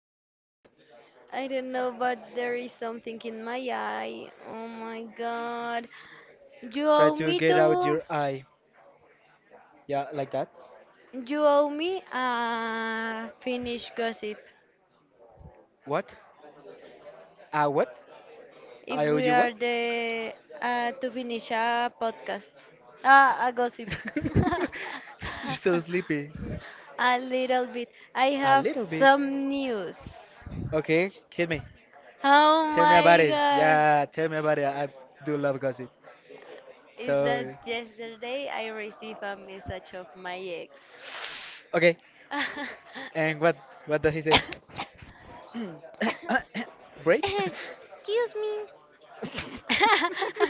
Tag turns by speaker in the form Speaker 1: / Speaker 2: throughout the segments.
Speaker 1: this podcast?
Speaker 2: I don't know, but there is something in my eye. Oh my god. You
Speaker 1: Try
Speaker 2: owe
Speaker 1: to
Speaker 2: me
Speaker 1: get out
Speaker 2: to.
Speaker 1: your eye. Yeah, like that.
Speaker 2: You owe me a Finnish gossip.
Speaker 1: What? Ah, what?
Speaker 2: If
Speaker 1: I owe
Speaker 2: we
Speaker 1: you
Speaker 2: are
Speaker 1: what?
Speaker 2: the to finish a podcast, a gossip.
Speaker 1: You're so sleepy.
Speaker 2: A little bit. I
Speaker 1: A
Speaker 2: have
Speaker 1: little bit.
Speaker 2: some news.
Speaker 1: Okay, hit me.
Speaker 2: Oh
Speaker 1: Tell me about
Speaker 2: my
Speaker 1: it.
Speaker 2: god.
Speaker 1: Yeah, tell me about it. I do love gossip.
Speaker 2: Is that
Speaker 1: So,
Speaker 2: yesterday I received a message of my ex.
Speaker 1: okay.
Speaker 2: Excuse
Speaker 1: And what does he say? Break?
Speaker 2: me.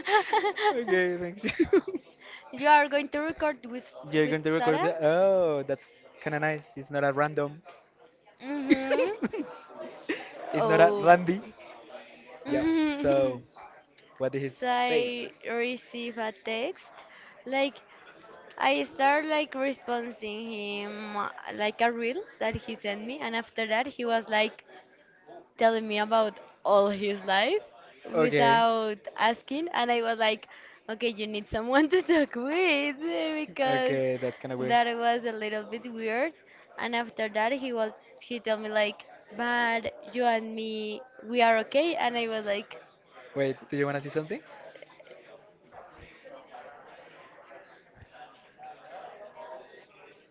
Speaker 1: Okay, thank you.
Speaker 2: You are going to record with
Speaker 1: You're going to record
Speaker 2: Sarah?
Speaker 1: it. Oh, that's kind of nice. It's not a random.
Speaker 2: Mm-hmm.
Speaker 1: It's not a
Speaker 2: Oh.
Speaker 1: randy. Yep.
Speaker 2: Mhm.
Speaker 1: So, what did he
Speaker 2: So
Speaker 1: say?
Speaker 2: I receive a text. Like, I start like responding him, like a reel that he sent me, and after that he was like, telling me about all his life
Speaker 1: Okay.
Speaker 2: without asking. And I was like, okay, you need someone to talk with, because
Speaker 1: Okay, that's kind of weird.
Speaker 2: that was a little bit weird. And after that he was, he told me like, but you and me, we are okay. And I was like,
Speaker 1: Wait, do you want to see something?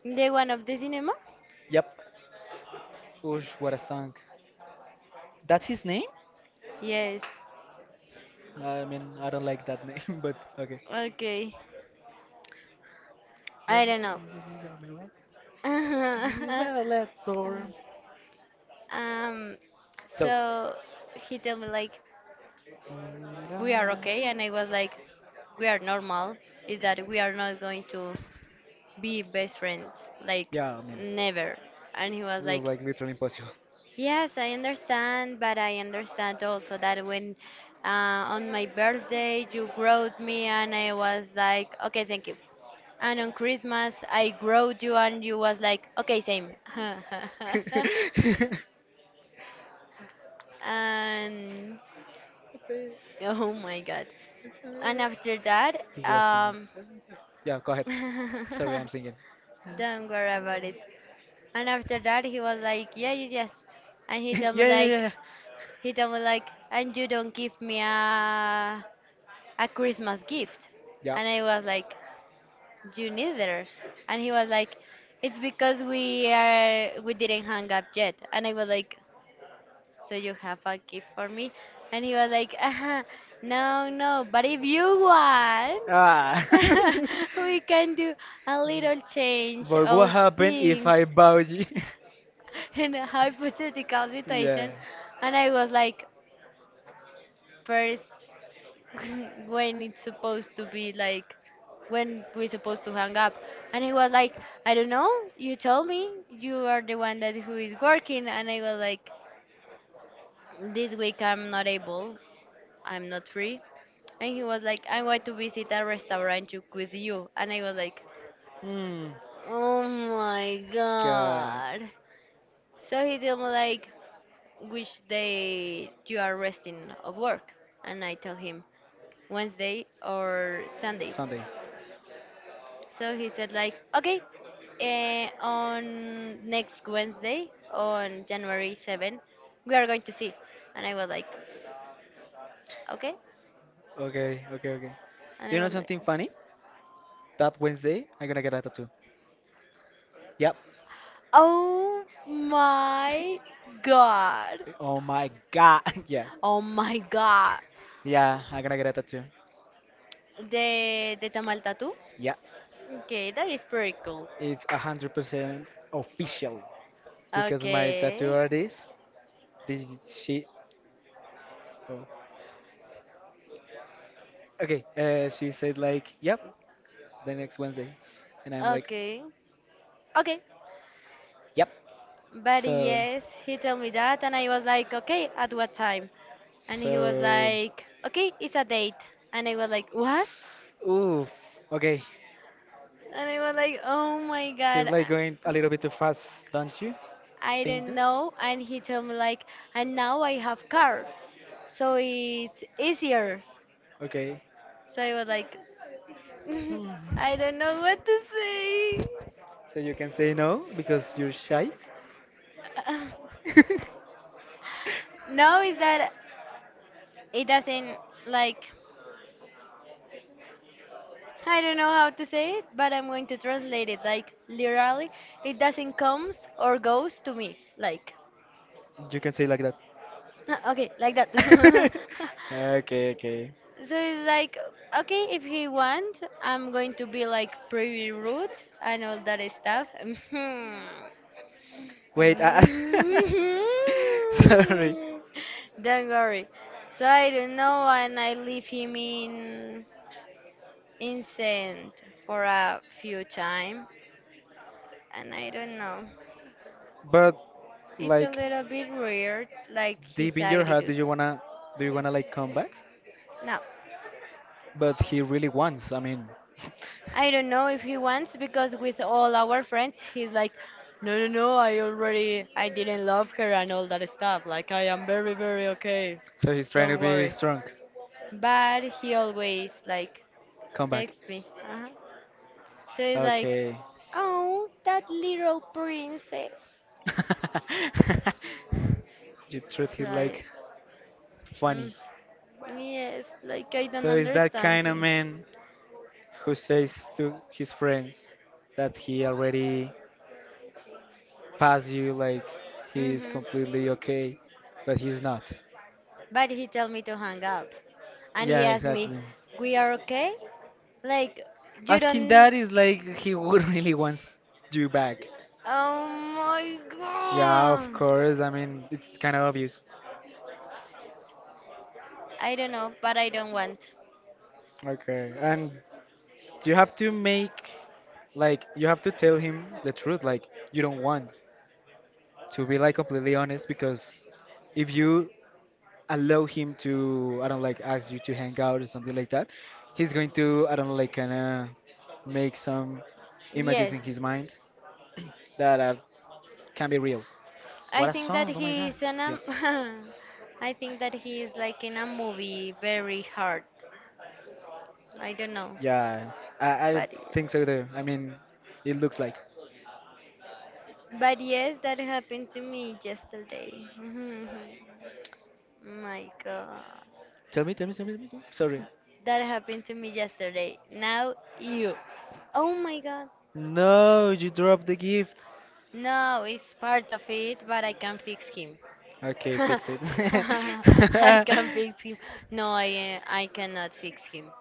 Speaker 2: the one of the cinema.
Speaker 1: Yep. Oosh, what a song. That's his name?
Speaker 2: Yes.
Speaker 1: I mean, I don't like that name, but okay.
Speaker 2: Okay. I
Speaker 1: Ready?
Speaker 2: don't know.
Speaker 1: Right? Well, let's or
Speaker 2: um
Speaker 1: so,
Speaker 2: so he told me like, we are okay. And I was like, we are normal, is that we are not going to be best friends, like,
Speaker 1: yeah, I mean,
Speaker 2: never. And he
Speaker 1: it
Speaker 2: was
Speaker 1: was
Speaker 2: like,
Speaker 1: like literally impossible.
Speaker 2: yes, I understand, but I understand also that when, on my birthday you growed me, and I was like, okay, thank you. And on Christmas I growed you, and you was like, okay, same. And
Speaker 1: It
Speaker 2: oh my god. And after that,
Speaker 1: was. Yeah, go ahead. Sorry, I'm singing.
Speaker 2: don't worry about it. And after that, he was like, yeah, yes, yes. And he
Speaker 1: Yeah,
Speaker 2: told me
Speaker 1: yeah, yeah,
Speaker 2: like,
Speaker 1: yeah.
Speaker 2: and you don't give me a Christmas gift.
Speaker 1: Yeah.
Speaker 2: And I was like, you neither. And he was like, it's because we are, we didn't hang up yet. And I was like, so you have a gift for me? And he was like, no, no. But if you want,
Speaker 1: Ah.
Speaker 2: we can do a little change
Speaker 1: But what
Speaker 2: of
Speaker 1: happened if
Speaker 2: things.
Speaker 1: I bow you?
Speaker 2: In a hypothetical
Speaker 1: Yeah.
Speaker 2: situation. And I was like, first, when it's supposed to be like, when we're supposed to hang up. And he was like, I don't know, you told me you are the one that who is working. And I was like, this week I'm not able, I'm not free. And he was like, I'm going to visit a restaurant with you. And I was like,
Speaker 1: Hmm.
Speaker 2: oh my
Speaker 1: God.
Speaker 2: god. So he told me like, which day you are resting of work? And I tell him Wednesday or Sundays.
Speaker 1: Sunday.
Speaker 2: So he said like, okay, on next Wednesday on January 7, we are going to see. And I was like, okay.
Speaker 1: Okay, okay, okay.
Speaker 2: And
Speaker 1: Do you know
Speaker 2: I was like,
Speaker 1: something funny? That Wednesday, I'm gonna get a tattoo. Yep.
Speaker 2: oh my god.
Speaker 1: Oh my God. Yeah.
Speaker 2: Oh my god.
Speaker 1: Yeah, I'm gonna get a tattoo.
Speaker 2: The tamal tattoo?
Speaker 1: Yeah.
Speaker 2: Okay, that is pretty cool.
Speaker 1: It's 100% official because my tattoo
Speaker 2: Okay.
Speaker 1: artist, this she. Oh, okay, she said like, "Yep, the next Wednesday," and I'm like,
Speaker 2: Okay. Okay.
Speaker 1: "Yep."
Speaker 2: But
Speaker 1: So,
Speaker 2: yes, he told me that, and I was like, okay, at what time? And he was
Speaker 1: so,
Speaker 2: like, okay, it's a date. And I was like, what?
Speaker 1: ooh, okay.
Speaker 2: And I was like, oh my god,
Speaker 1: He's like going a little bit too fast, don't you
Speaker 2: I
Speaker 1: think
Speaker 2: don't
Speaker 1: that?
Speaker 2: know. And he told me like, and now I have car, so it's easier.
Speaker 1: Okay,
Speaker 2: So I was like,
Speaker 1: hmm,
Speaker 2: I don't know what to say.
Speaker 1: so you can say no because you're shy.
Speaker 2: No, is that it doesn't, like, I don't know how to say it, but I'm going to translate it like literally. It doesn't comes or goes to me, like,
Speaker 1: You can say like that.
Speaker 2: okay, like that. So
Speaker 1: Okay, okay.
Speaker 2: it's like, okay, if he want, I'm going to be like pretty rude and all that stuff.
Speaker 1: Wait, sorry,
Speaker 2: Don't worry. So I don't know, and I leave him in sand for a few time, and I don't know.
Speaker 1: but
Speaker 2: It's a
Speaker 1: like
Speaker 2: little bit weird, like
Speaker 1: deep
Speaker 2: his
Speaker 1: in your heart
Speaker 2: attitude.
Speaker 1: do you wanna like come back?
Speaker 2: Now,
Speaker 1: But he really wants. I mean,
Speaker 2: I don't know if he wants, because with all our friends, he's like, no, no, no, I already, I didn't love her and all that stuff. Like, I am very, very okay.
Speaker 1: so he's trying
Speaker 2: Don't
Speaker 1: to be
Speaker 2: worry.
Speaker 1: strong.
Speaker 2: But he always, like,
Speaker 1: Come back.
Speaker 2: texts me. Uh-huh. So he's like,
Speaker 1: Okay.
Speaker 2: oh, that little princess.
Speaker 1: You treat
Speaker 2: So
Speaker 1: him
Speaker 2: I,
Speaker 1: like
Speaker 2: mm,
Speaker 1: funny.
Speaker 2: yes, like, I don't
Speaker 1: So is that
Speaker 2: understand
Speaker 1: kind of
Speaker 2: him.
Speaker 1: man who says to his friends that he already passed you, like he is
Speaker 2: Hmm.
Speaker 1: completely okay, but he's not.
Speaker 2: But he told me to hang up. And he
Speaker 1: Yeah,
Speaker 2: asked me,
Speaker 1: exactly.
Speaker 2: we are okay? Like, you
Speaker 1: Asking
Speaker 2: don't.
Speaker 1: that is like he would really wants you back.
Speaker 2: Oh my
Speaker 1: Yeah, of
Speaker 2: god.
Speaker 1: course. I mean, it's kind of obvious.
Speaker 2: I don't know, but I don't want.
Speaker 1: Okay. And you have to make, like, you have to tell him the truth. Like, you don't want to be, like, completely honest because if you allow him to, I don't like, ask you to hang out or something like that, he's going to, I don't like, kind of make some images
Speaker 2: Yes.
Speaker 1: in his mind that are, can be real.
Speaker 2: I
Speaker 1: What a
Speaker 2: think that
Speaker 1: song! Oh my
Speaker 2: he
Speaker 1: God.
Speaker 2: is in a.
Speaker 1: Yep.
Speaker 2: I think that he is like in a movie, very hard. I don't know.
Speaker 1: Yeah, I
Speaker 2: But yes.
Speaker 1: think so too. I mean, it looks like.
Speaker 2: But yes, that happened to me yesterday. My god.
Speaker 1: Tell me, tell me, tell me, tell me, tell me. Sorry.
Speaker 2: That happened to me yesterday. Now you. Oh my god.
Speaker 1: No, you dropped the gift.
Speaker 2: No, it's part of it, but I can fix him.
Speaker 1: Okay, fix it.
Speaker 2: I can fix him. No, I cannot fix him.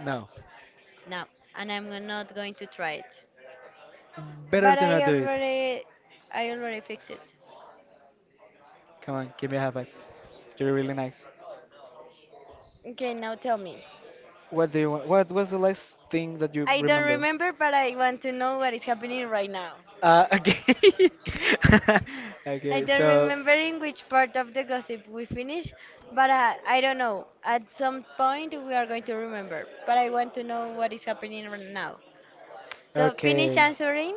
Speaker 1: No,
Speaker 2: No, and I'm not going to try it.
Speaker 1: better
Speaker 2: But
Speaker 1: to not do it.
Speaker 2: I already fixed it.
Speaker 1: Come on, give me a high five. You're really nice.
Speaker 2: Okay, now tell me.
Speaker 1: What do you want? What was the last thing that you
Speaker 2: I don't
Speaker 1: remember?
Speaker 2: remember, but I want to know what is happening right now.
Speaker 1: Okay.
Speaker 2: I
Speaker 1: Okay,
Speaker 2: don't
Speaker 1: so
Speaker 2: remember in which part of the gossip we finished, but I don't know. At some point we are going to remember, but I want to know what is happening right now. So finish
Speaker 1: okay.
Speaker 2: answering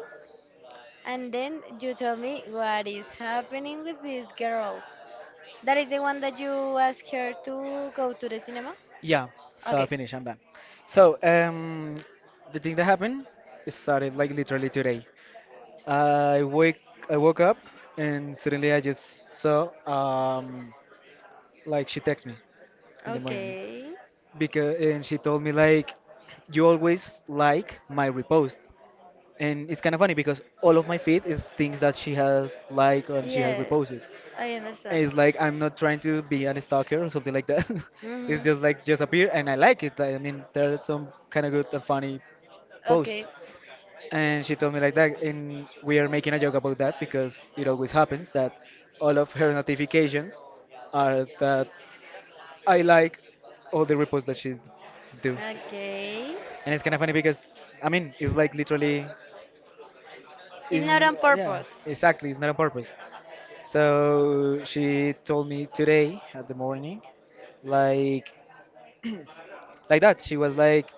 Speaker 2: and then you tell me what is happening with this girl. That is the one that you ask her to go to the cinema?
Speaker 1: Yeah, so I
Speaker 2: Okay.
Speaker 1: finished. I'm done. So, the thing that happened, it started like literally today. I wake, I woke up, and suddenly I just saw, like she texted me in the morning,
Speaker 2: Okay.
Speaker 1: because and she told me like, you always like my repost, and it's kind of funny because all of my feed is things that she has like and she has
Speaker 2: Yeah,
Speaker 1: reposted.
Speaker 2: I understand.
Speaker 1: It's like I'm not trying to be a stalker or something like that. It's
Speaker 2: Mm-hmm.
Speaker 1: just like just appear and I like it. Like, I mean, there's some kind of good and funny post.
Speaker 2: Okay.
Speaker 1: And she told me like that, and we are making a joke about that because it always happens that all of her notifications are that I like all the reposts that she do,
Speaker 2: Okay.
Speaker 1: and it's kind of funny because I mean it's like literally
Speaker 2: It's
Speaker 1: is
Speaker 2: not on
Speaker 1: yeah
Speaker 2: purpose.
Speaker 1: exactly it's not on purpose. So she told me today at the morning like like that. She was like,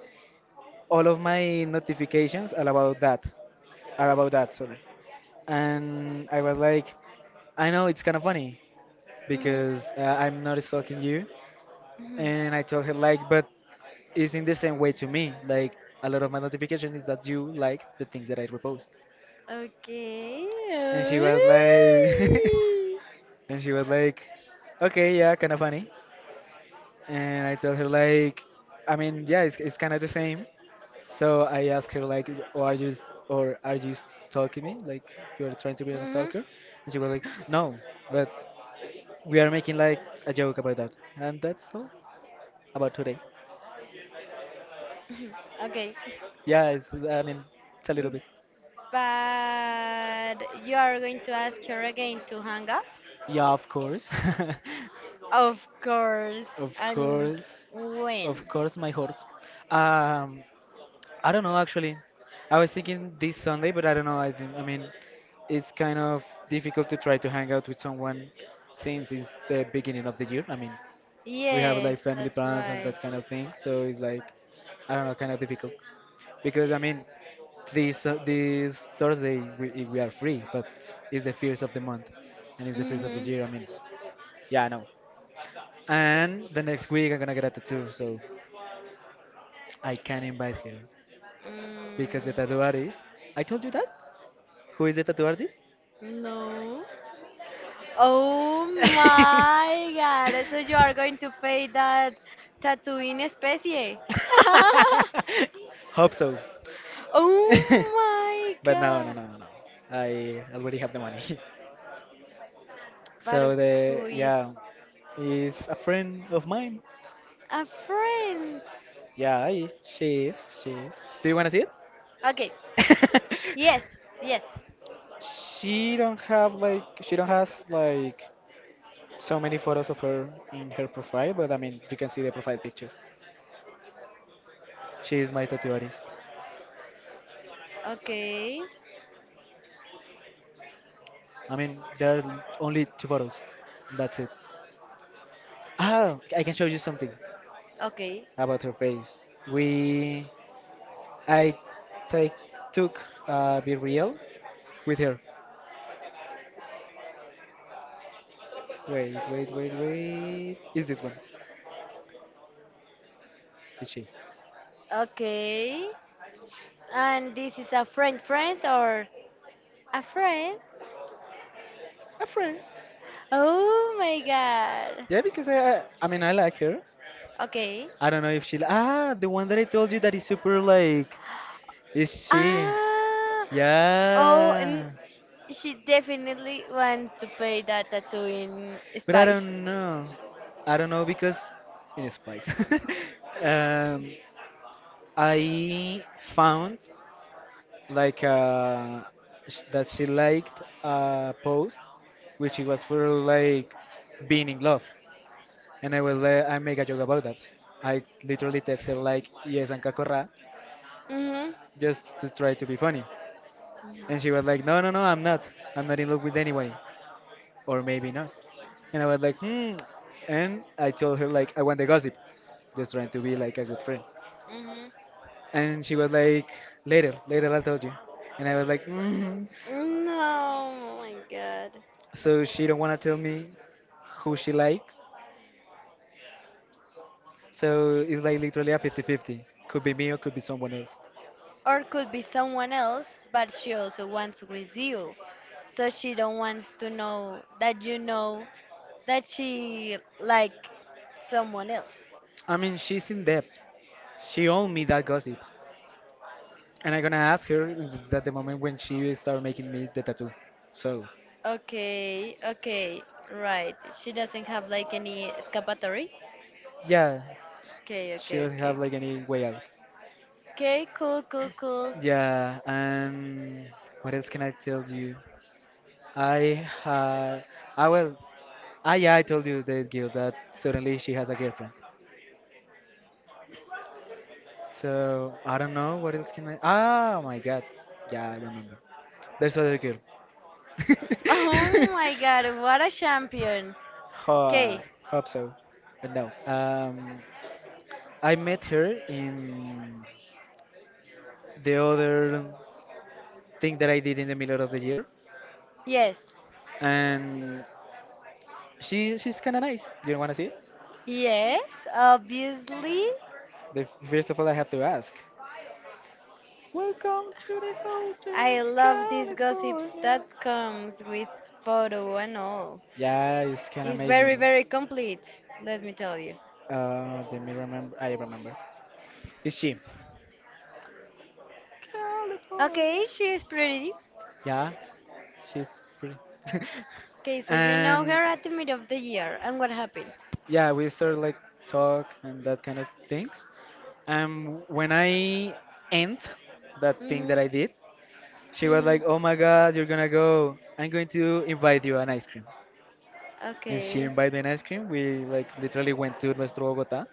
Speaker 1: all of my notifications are about that, are about that. Sorry, and I was like, I know it's kind of funny
Speaker 2: Mm-hmm.
Speaker 1: because I'm not stalking you,
Speaker 2: Mm-hmm.
Speaker 1: and I told her like, but it's in the same way to me. Like a lot of my notifications is that you like the things that I repost,
Speaker 2: Okay.
Speaker 1: and she was like, and she was like, okay, yeah, kind of funny, and I told her like, I mean, yeah, it's kind of the same. So I asked her like, or are you stalking me? Like you're trying to be a
Speaker 2: Mm-hmm.
Speaker 1: stalker? And she was like, no, but we are making like a joke about that. And that's all about today.
Speaker 2: Okay.
Speaker 1: Yeah, it's, I mean, it's a little
Speaker 2: Mm.
Speaker 1: bit.
Speaker 2: But you are going to ask her again to hang up?
Speaker 1: Yeah, of course,
Speaker 2: Of course.
Speaker 1: of
Speaker 2: And
Speaker 1: course, of
Speaker 2: when?
Speaker 1: course, my horse. Um, I don't know actually. I was thinking this Sunday, but I don't know. I think I mean, it's kind of difficult to try to hang out with someone since it's the beginning of the year. I mean, we have
Speaker 2: Yes,
Speaker 1: like family
Speaker 2: that's
Speaker 1: plans and
Speaker 2: right.
Speaker 1: that kind of thing. So it's like I don't know, kind of difficult because I mean this Thursday we are free, but it's the first of the month and it's the first of the
Speaker 2: Mm-hmm.
Speaker 1: year. I mean, yeah, I know. And the next week I'm gonna get a tattoo, so I can invite her because the
Speaker 2: Mm.
Speaker 1: tattoo artist. I told you that. Who is the tattoo artist?
Speaker 2: No. Oh my god. So you are going to pay that tattoo in especie.
Speaker 1: Hope so.
Speaker 2: Oh my
Speaker 1: But no, no,
Speaker 2: god.
Speaker 1: no, no, no. I already have the money.
Speaker 2: But
Speaker 1: So
Speaker 2: who
Speaker 1: the
Speaker 2: is
Speaker 1: yeah is a friend of mine.
Speaker 2: a friend.
Speaker 1: Yeah, she is. She is. Do you wanna see it?
Speaker 2: Okay. Yes. Yes.
Speaker 1: She don't have like she don't has like so many photos of her in her profile, but I mean you can see the profile picture. She is my tattoo artist.
Speaker 2: Okay.
Speaker 1: I mean there are only 2 photos. That's it. Ah, I can show you something
Speaker 2: Okay.
Speaker 1: about her face. We I take took a be real with her. Wait, wait, wait, wait. Is this one? Is she
Speaker 2: Okay. And this is a friend friend or a friend?
Speaker 1: a friend?
Speaker 2: Oh my god.
Speaker 1: Yeah, because I mean, I like her.
Speaker 2: Okay.
Speaker 1: I don't know if she. Ah, the one that I told you that is super like. Is she?
Speaker 2: Ah. Oh, and
Speaker 1: Yeah,
Speaker 2: she definitely want to pay that tattoo in
Speaker 1: but I
Speaker 2: spice.
Speaker 1: don't know. I don't know because in Spice, um, I found like that she liked a post which it was for like being in love. And I was like, I make a joke about that. I literally text her like, yes, and Kakora,
Speaker 2: Mhm.
Speaker 1: just to try to be funny.
Speaker 2: Mhm.
Speaker 1: And she was like, no, no, no, I'm not. I'm not in love with anyone. Or maybe not. And I was like, hmm. And I told her like, I want the gossip. Just trying to be like a good friend.
Speaker 2: Mhm.
Speaker 1: And she was like, later, later I'll tell you. And I was like, mm,
Speaker 2: No, oh my god.
Speaker 1: so she don't want to tell me who she likes. So it's like literally a 50-50. Could be me or could be someone else.
Speaker 2: Or could be someone else, but she also wants with you. So she don't wants to know that you know that she like someone else.
Speaker 1: I mean, she's in debt. She owned me that gossip, and I'm gonna ask her that the moment when she started making me the tattoo. So,
Speaker 2: Okay, okay, right. She doesn't have like any escapatory.
Speaker 1: yeah,
Speaker 2: Okay,
Speaker 1: she
Speaker 2: okay,
Speaker 1: doesn't
Speaker 2: okay,
Speaker 1: have like
Speaker 2: okay.
Speaker 1: any way out.
Speaker 2: Okay, cool, cool, cool.
Speaker 1: Yeah, and what else can I tell you? I had, I will. Ah yeah, I told you the girl that suddenly she has a girlfriend. So I don't know what else can I. Ah, my God, yeah, I remember. There's other girl.
Speaker 2: Oh my god, what a champion. Okay,
Speaker 1: Hope so, but no. I met her in the other thing that I did in the middle of the year,
Speaker 2: yes.
Speaker 1: and she's kind of nice. Do you want to see it?
Speaker 2: Yes, obviously.
Speaker 1: The, first of all, I have to ask. Welcome to the
Speaker 2: I
Speaker 1: Hotel
Speaker 2: love these gossips
Speaker 1: California.
Speaker 2: that comes with photo and all.
Speaker 1: Yeah, it's kind of
Speaker 2: It's very,
Speaker 1: amazing.
Speaker 2: very complete, let me tell you.
Speaker 1: Let me remember. I remember. It's she. California.
Speaker 2: Okay, she is pretty.
Speaker 1: Yeah, she's pretty.
Speaker 2: Okay, so you know
Speaker 1: And
Speaker 2: her at the mid of the year, and what happened?
Speaker 1: yeah, we started like talk and that kind of things. And when I end that thing
Speaker 2: Mhm,
Speaker 1: that I did, she was
Speaker 2: mhm.
Speaker 1: like, "Oh my God, you're gonna go! I'm going to invite you an ice cream." And she
Speaker 2: Okay,
Speaker 1: invited me an ice cream. We like literally went to Nuestro Bogotá.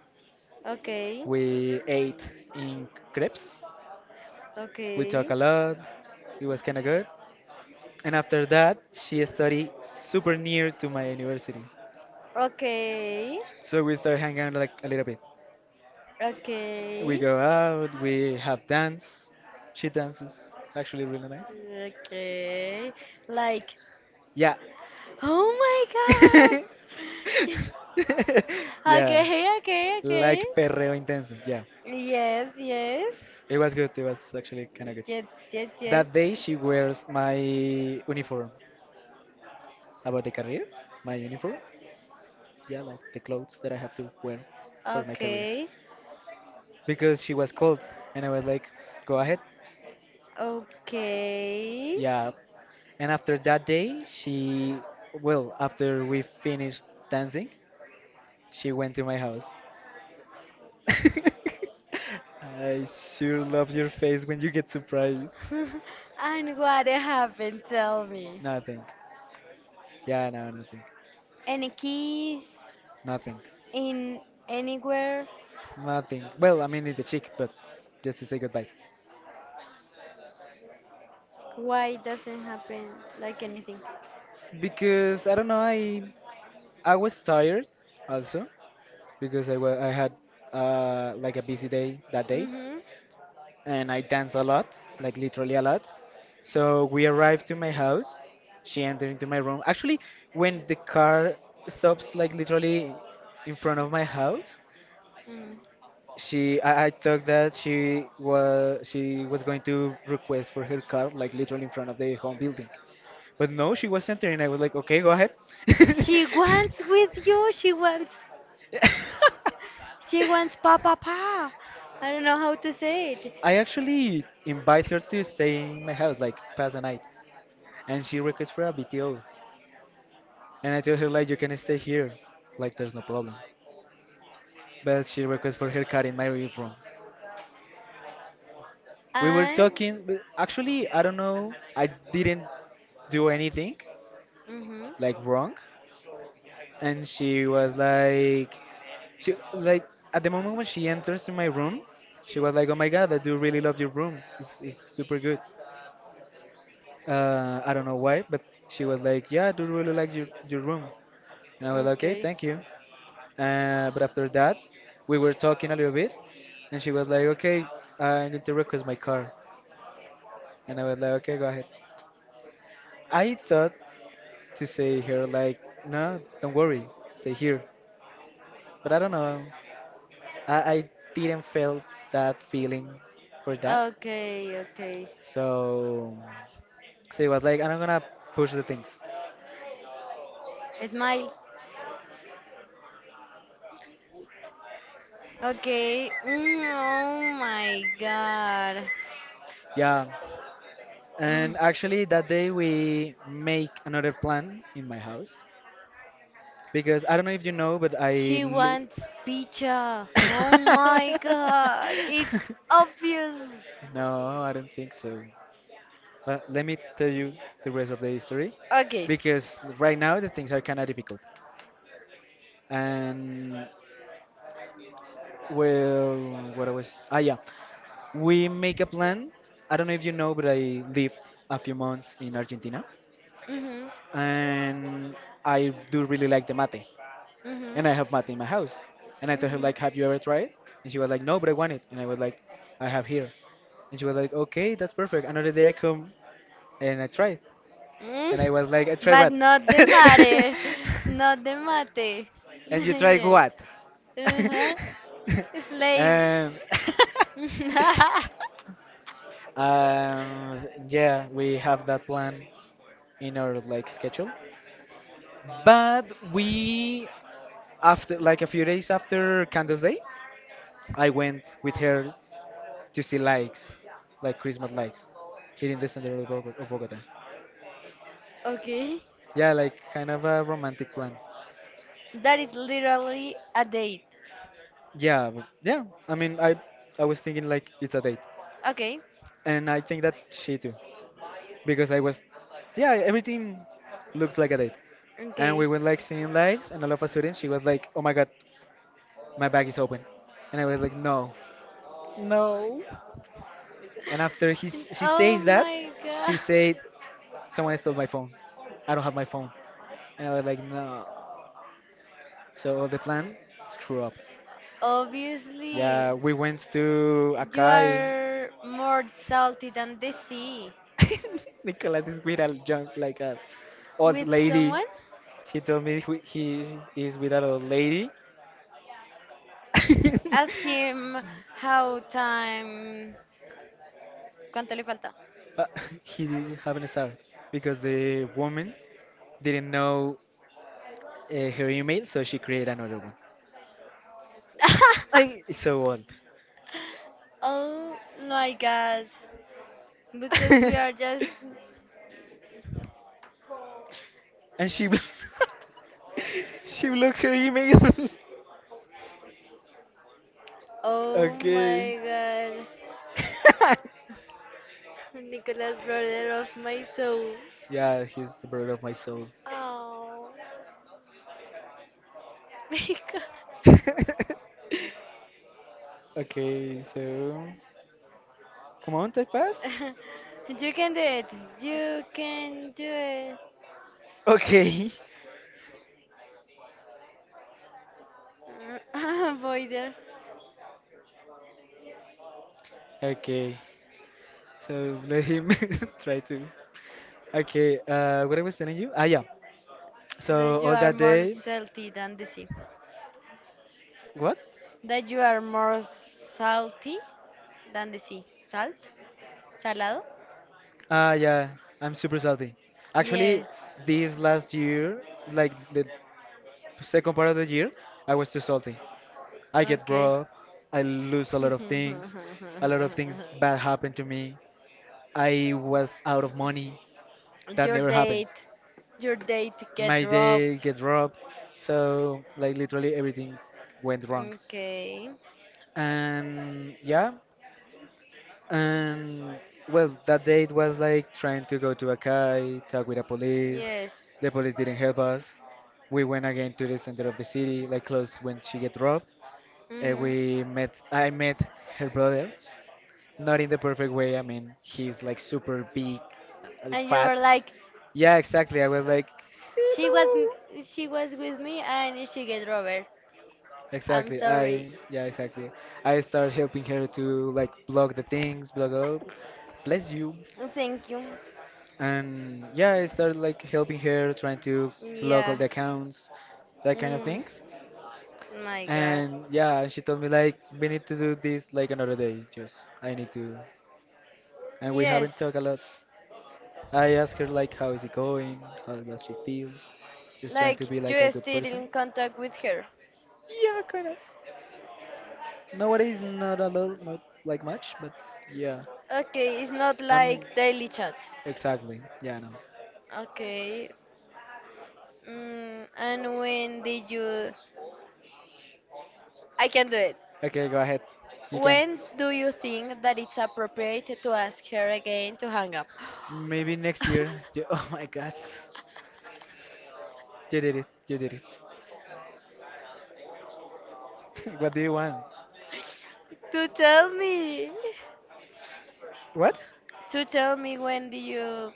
Speaker 2: okay,
Speaker 1: We ate in crepes. We
Speaker 2: okay,
Speaker 1: talked a lot. It was kind of good. And after that, she studied super near to my university,
Speaker 2: okay,
Speaker 1: so we started hanging out like a little bit. We
Speaker 2: okay,
Speaker 1: go out. We have dance. She dances actually really nice.
Speaker 2: okay. Like,
Speaker 1: Yeah.
Speaker 2: oh my god!
Speaker 1: Yeah.
Speaker 2: Okay, okay, okay.
Speaker 1: Like perreo intenso. Yeah,
Speaker 2: Yes, yes.
Speaker 1: it was good. It was actually kind of good.
Speaker 2: Yes, yes, yes.
Speaker 1: That day she wears my uniform about the career, my uniform. Yeah, like the clothes that I have to wear for my career
Speaker 2: Okay,
Speaker 1: because she was cold, and I was like, go ahead.
Speaker 2: okay.
Speaker 1: Yeah, and after that day she, well, after we finished dancing, she went to my house. I sure love your face when you get surprised.
Speaker 2: And what happened? Tell me.
Speaker 1: Nothing. Yeah, no, nothing.
Speaker 2: Any keys
Speaker 1: Nothing.
Speaker 2: in anywhere?
Speaker 1: Nothing. Well, I mean, in the cheek, but just to say goodbye.
Speaker 2: Why doesn't happen like anything?
Speaker 1: Because I don't know, I was tired also because I had like a busy day that day,
Speaker 2: Mm-hmm.
Speaker 1: and I danced a lot, like literally a lot. So we arrived to my house. She entered into my room. Actually, when the car stops, like literally in front of my house,
Speaker 2: Hmm.
Speaker 1: she I thought that she was going to request for her car, like literally in front of the home building. But no, she was, and I was like, okay, go ahead.
Speaker 2: She wants with you. She wants. She wants papa pa. I don't know how to say it.
Speaker 1: I actually invite her to stay in my house, like pass the night, and she requests for a BTO, and I tell her like, you can stay here, like there's no problem. But she requests for her car in my room. We were
Speaker 2: And.
Speaker 1: talking, but actually I don't know, I didn't do anything
Speaker 2: Mm-hmm.
Speaker 1: like wrong, and she was like, she like, at the moment when she enters in my room, she was like, oh my god, I do really love your room, it's super good. I don't know why, but she was like, yeah, I do really like your room, and I was like, okay,
Speaker 2: Okay.
Speaker 1: thank you. But after that, we were talking a little bit, and she was like, okay, I'm going to request my car, and I was like, okay, go ahead. I thought to say her like, no, don't worry, stay here, but I don't know, I didn't feel that feeling for that.
Speaker 2: Okay. Okay.
Speaker 1: So, so it was like, I'm not gonna push the things.
Speaker 2: Smile. Okay. Mm, oh my god.
Speaker 1: Yeah.
Speaker 2: Mm,
Speaker 1: And actually, that day we make another plan in my house because I don't know if you know, but I
Speaker 2: she
Speaker 1: live.
Speaker 2: wants pizza. Oh my god. It's obvious.
Speaker 1: No, I don't think so. Let me tell you the rest of the history
Speaker 2: Okay.
Speaker 1: because right now the things are kind of difficult. And well, what I was, ah, yeah. We make a plan. I don't know if you know, but I lived a few months in Argentina,
Speaker 2: Mhm.
Speaker 1: and I do really like the mate,
Speaker 2: Mhm.
Speaker 1: and I have mate in my house. And I told her
Speaker 2: Mhm.
Speaker 1: like, "Have you ever tried it?" And she was like, "No, but I want it." And I was like, "I have here." And she was like, "Okay, that's perfect." Another day I come and I tried, and I
Speaker 2: Mm,
Speaker 1: was like, "I tried
Speaker 2: but
Speaker 1: what?"
Speaker 2: not the mate. Not the mate.
Speaker 1: And you tried
Speaker 2: Yes.
Speaker 1: what?
Speaker 2: Uh-huh. Slave.
Speaker 1: And yeah, we have that plan in our like schedule. But we, after like a few days after Candles Day, I went with her to see lights, like Christmas lights, here in the center of Bogota.
Speaker 2: Okay.
Speaker 1: Yeah, like kind of a romantic plan.
Speaker 2: That is literally a date.
Speaker 1: Yeah, but- yeah. I mean, I was thinking like it's a date,
Speaker 2: Okay.
Speaker 1: and I think that she too, because I was, yeah, everything looks like a date. And
Speaker 2: Okay.
Speaker 1: we went like seeing lights, and all of a sudden she was like, "Oh my God, my bag is open," and I was like, "No, no." And after she
Speaker 2: Oh
Speaker 1: says that,
Speaker 2: my god.
Speaker 1: she said, someone stole my phone. I don't have my phone. And I was like, no. So the plan, screw up. Yeah,
Speaker 2: Obviously,
Speaker 1: we went to
Speaker 2: you
Speaker 1: Akai.
Speaker 2: are more salty than the sea.
Speaker 1: Nicholas is with a junk, like a old
Speaker 2: With
Speaker 1: lady.
Speaker 2: someone,
Speaker 1: He told me he is with an old lady.
Speaker 2: ask him how time. ¿Cuánto le falta?
Speaker 1: But he didn't have an start because the woman didn't know her email, so she created another one. I it's so old.
Speaker 2: Oh my god. Because we are just.
Speaker 1: And she blocked her email.
Speaker 2: Oh my
Speaker 1: Okay.
Speaker 2: god.
Speaker 1: My god.
Speaker 2: Nicolas, brother of my soul.
Speaker 1: Yeah, he's the brother of my soul.
Speaker 2: Oh. Because.
Speaker 1: Okay, so come on, type fast.
Speaker 2: You can do it. You can do it.
Speaker 1: Okay.
Speaker 2: Avoider.
Speaker 1: Okay. So let him try to. Okay. What I was telling you? Ah, yeah.
Speaker 2: That
Speaker 1: So
Speaker 2: you
Speaker 1: all
Speaker 2: are
Speaker 1: that
Speaker 2: more
Speaker 1: day,
Speaker 2: salty than the sea.
Speaker 1: what?
Speaker 2: That you are more salty than the sea. Salt? Salado?
Speaker 1: Ah yeah, I'm super salty. Actually,
Speaker 2: Yes.
Speaker 1: this last year, like the second part of the year, I was too salty. I get
Speaker 2: Okay.
Speaker 1: broke, I lose a lot of things, a lot of things bad happened to me. I was out of money. That
Speaker 2: Your
Speaker 1: never happens.
Speaker 2: date. Your date
Speaker 1: My
Speaker 2: get
Speaker 1: day
Speaker 2: robbed.
Speaker 1: gets robbed, so like literally everything went wrong.
Speaker 2: Okay.
Speaker 1: And yeah. And well, that date was like trying to go to a Akai, talk with the police.
Speaker 2: Yes.
Speaker 1: The police didn't help us. We went again to the center of the city, like close when she get robbed. And
Speaker 2: Hmm.
Speaker 1: we met. I met her brother, not in the perfect way. I mean, he's like super big,
Speaker 2: And you were
Speaker 1: fat.
Speaker 2: like,
Speaker 1: Yeah, exactly. I was like,
Speaker 2: she was, she was with me and she get robbed. I'm
Speaker 1: exactly. I
Speaker 2: sorry.
Speaker 1: yeah, exactly. I started helping her to like block the things, block up. Bless you.
Speaker 2: Thank you.
Speaker 1: And yeah, I started like helping her, trying to block all
Speaker 2: Yeah.
Speaker 1: the accounts, that kind of
Speaker 2: Mm,
Speaker 1: things.
Speaker 2: my God.
Speaker 1: And yeah, she told me like we need to do this like another day. Just I need to, and we
Speaker 2: Yes.
Speaker 1: haven't talked a lot. I asked her like how is it going, how does she feel, just trying
Speaker 2: Like
Speaker 1: to be like a
Speaker 2: you
Speaker 1: good
Speaker 2: still
Speaker 1: person.
Speaker 2: in contact with her.
Speaker 1: Yeah, kind of. Nowadays, not a lot, not like much, but yeah.
Speaker 2: Okay, it's not
Speaker 1: I mean,
Speaker 2: like daily chat.
Speaker 1: exactly. Yeah, no.
Speaker 2: Okay. Mm, and when did you? I can do it.
Speaker 1: Okay, go ahead. You can.
Speaker 2: When do you think that it's appropriate to ask her again to hang up?
Speaker 1: Maybe next year. You, oh my God, you did it. You did it. What do you want?
Speaker 2: To tell me.
Speaker 1: What?
Speaker 2: To tell me when do you?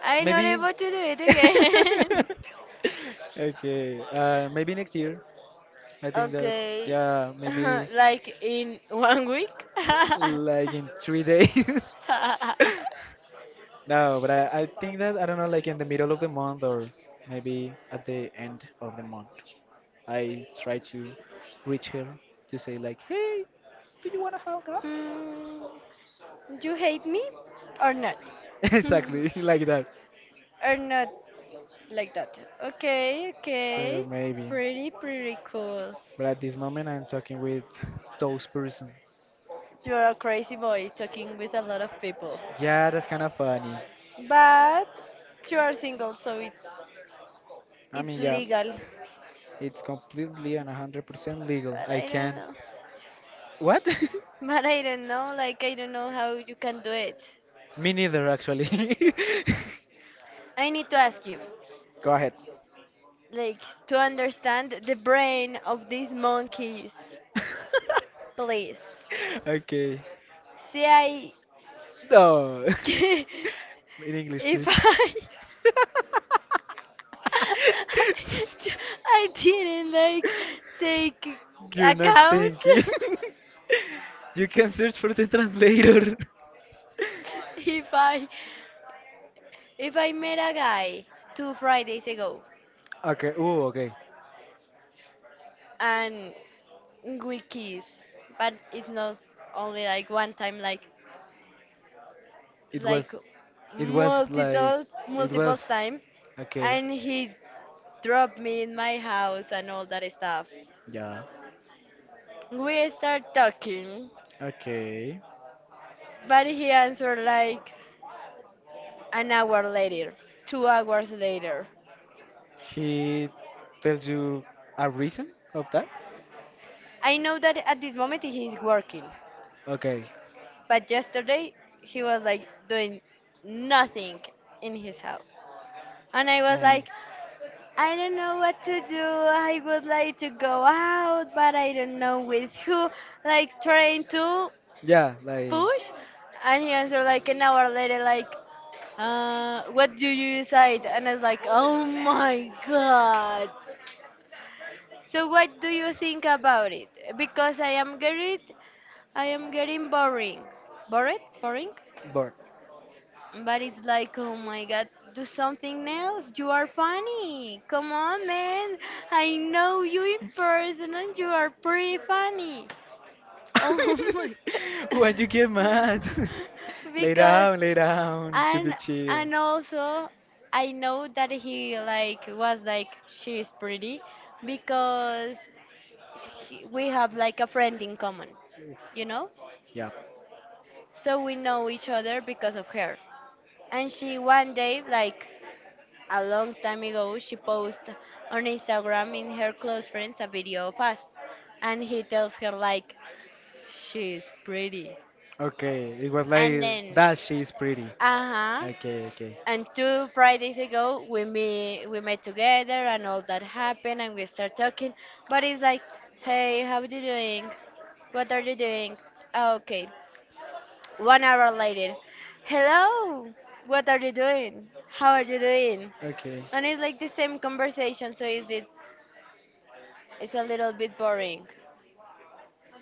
Speaker 2: I'm not
Speaker 1: Maybe
Speaker 2: able to do it again.
Speaker 1: okay. Maybe next year. I think that
Speaker 2: Okay.
Speaker 1: yeah, maybe
Speaker 2: like in one week.
Speaker 1: like in 3 days. No, but I think that I don't know, like in the middle of the month or maybe at the end of the month. I try to reach her to say like, hey, do you wanna hang out?
Speaker 2: Hmm. You hate me or not? Or
Speaker 1: Exactly, like that.
Speaker 2: not like that. Okay, okay.
Speaker 1: So maybe,
Speaker 2: Pretty, pretty cool.
Speaker 1: but at this moment I'm talking with those persons.
Speaker 2: You're a crazy boy talking with a lot of people.
Speaker 1: Yeah, that's kind of funny.
Speaker 2: But you are single, so it's
Speaker 1: I
Speaker 2: it's
Speaker 1: mean, yeah,
Speaker 2: legal.
Speaker 1: it's completely and 100% legal.
Speaker 2: But
Speaker 1: I
Speaker 2: I don't
Speaker 1: can.
Speaker 2: know.
Speaker 1: What?
Speaker 2: But I don't know, like, I don't know how you can do it.
Speaker 1: Me neither, actually.
Speaker 2: I need to ask you,
Speaker 1: Go ahead.
Speaker 2: like, to understand the brain of these monkeys, please.
Speaker 1: Okay.
Speaker 2: See I
Speaker 1: No. In English,
Speaker 2: if
Speaker 1: please.
Speaker 2: I I didn't like take
Speaker 1: You're not
Speaker 2: account
Speaker 1: thinking. You can search for the translator.
Speaker 2: if I if I met a guy two Fridays ago
Speaker 1: Okay. Oh, okay.
Speaker 2: and we kiss, but it's not only like one time, like
Speaker 1: It
Speaker 2: like
Speaker 1: was, it was like,
Speaker 2: multiple
Speaker 1: it
Speaker 2: multiple
Speaker 1: was
Speaker 2: times,
Speaker 1: okay.
Speaker 2: and he dropped me in my house and all that stuff.
Speaker 1: Yeah.
Speaker 2: We start talking,
Speaker 1: Okay.
Speaker 2: but he answered like an hour later, 2 hours later.
Speaker 1: He tells you a reason of that.
Speaker 2: I know that at this moment he is working,
Speaker 1: Okay.
Speaker 2: but yesterday he was like doing nothing in his house. And I was
Speaker 1: And
Speaker 2: like, I don't know what to do. I would like to go out, but I don't know with who. Like, trying to
Speaker 1: yeah, like
Speaker 2: push. And he answered like an hour later, like, what do you decide? And I was like, oh my god. So what do you think about it? Because I am worried I am getting boring. Bored? Boring?
Speaker 1: bored.
Speaker 2: But it's like, oh my god, do something else. You are funny. Come on, man. I know you in person and you are pretty funny. Oh my god.
Speaker 1: When you get mad?
Speaker 2: Because,
Speaker 1: Lay down, keep
Speaker 2: and
Speaker 1: it chill.
Speaker 2: and also I know that he, like, was like, she is pretty, because we have like a friend in common, you know?
Speaker 1: Yeah.
Speaker 2: So we know each other because of her. And she, one day, like a long time ago, she posted on Instagram in her close friends a video of us. And he tells her like, she's pretty.
Speaker 1: Okay, it was
Speaker 2: And
Speaker 1: like
Speaker 2: then
Speaker 1: that she is pretty.
Speaker 2: uh-huh.
Speaker 1: Okay, okay.
Speaker 2: And two Fridays ago we meet we met together and all that happened and we start talking. But it's like, hey, how are you doing? What are you doing? Oh, okay. One hour later. Hello, what are you doing? How are you doing?
Speaker 1: Okay.
Speaker 2: And it's like the same conversation, so it's a little bit boring.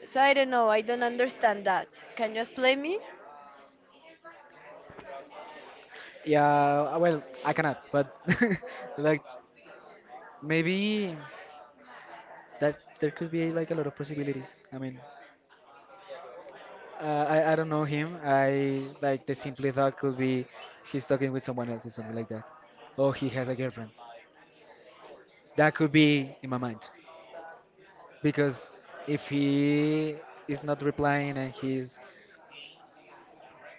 Speaker 2: So I don't know. I don't understand that. Can you explain me?
Speaker 1: Yeah, well, I cannot, but like maybe that there could be like a lot of possibilities. I mean, I don't know him. I like the simple thought could be he's talking with someone else or something like that. Or he has a girlfriend. That could be in my mind. Because if he is not replying and he's,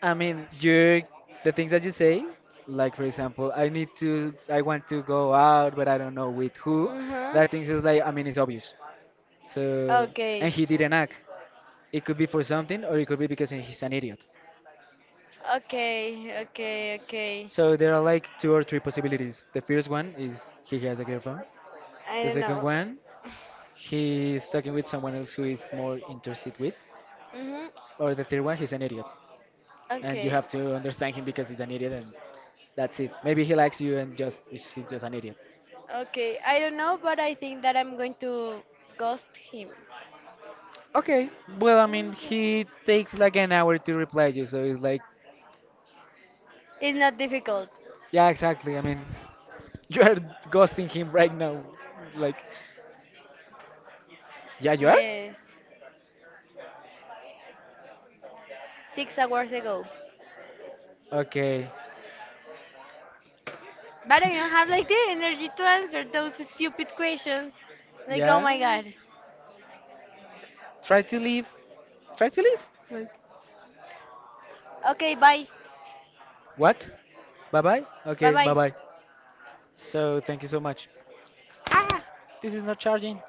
Speaker 1: I mean, you, the things that you say, like for example, I want to go out but I don't know with who,
Speaker 2: Mhm.
Speaker 1: that things is like, I mean, it's obvious. So, and
Speaker 2: Okay.
Speaker 1: he didn't act. It could be for something or it could be because he's an idiot.
Speaker 2: Okay. Okay. Okay.
Speaker 1: So there are like two or three possibilities. The first one is he has a girlfriend.
Speaker 2: I
Speaker 1: The
Speaker 2: don't
Speaker 1: second
Speaker 2: know.
Speaker 1: one, he's talking with someone else who is more interested with.
Speaker 2: Mhm.
Speaker 1: Or the third one, he's an idiot, and you
Speaker 2: Okay.
Speaker 1: have to understand him because he's an idiot, and that's it. Maybe he likes you, and just he's just an idiot.
Speaker 2: Okay. I don't know, but I think that I'm going to ghost him.
Speaker 1: Okay, well, I mean, he takes like an hour to reply you, so it's like,
Speaker 2: It's not difficult.
Speaker 1: yeah, exactly. I mean, you are ghosting him right now. Like, yeah, you are.
Speaker 2: Yes. 6 hours ago.
Speaker 1: Okay.
Speaker 2: But I don't have like the energy to answer those stupid questions.
Speaker 1: Oh
Speaker 2: Like, oh my
Speaker 1: yeah.
Speaker 2: god.
Speaker 1: Try to leave. Try to leave. Like,
Speaker 2: Okay, bye.
Speaker 1: what? Bye bye?
Speaker 2: Bye
Speaker 1: Okay, bye
Speaker 2: bye.
Speaker 1: bye. So thank you so much. Ah! This is not charging.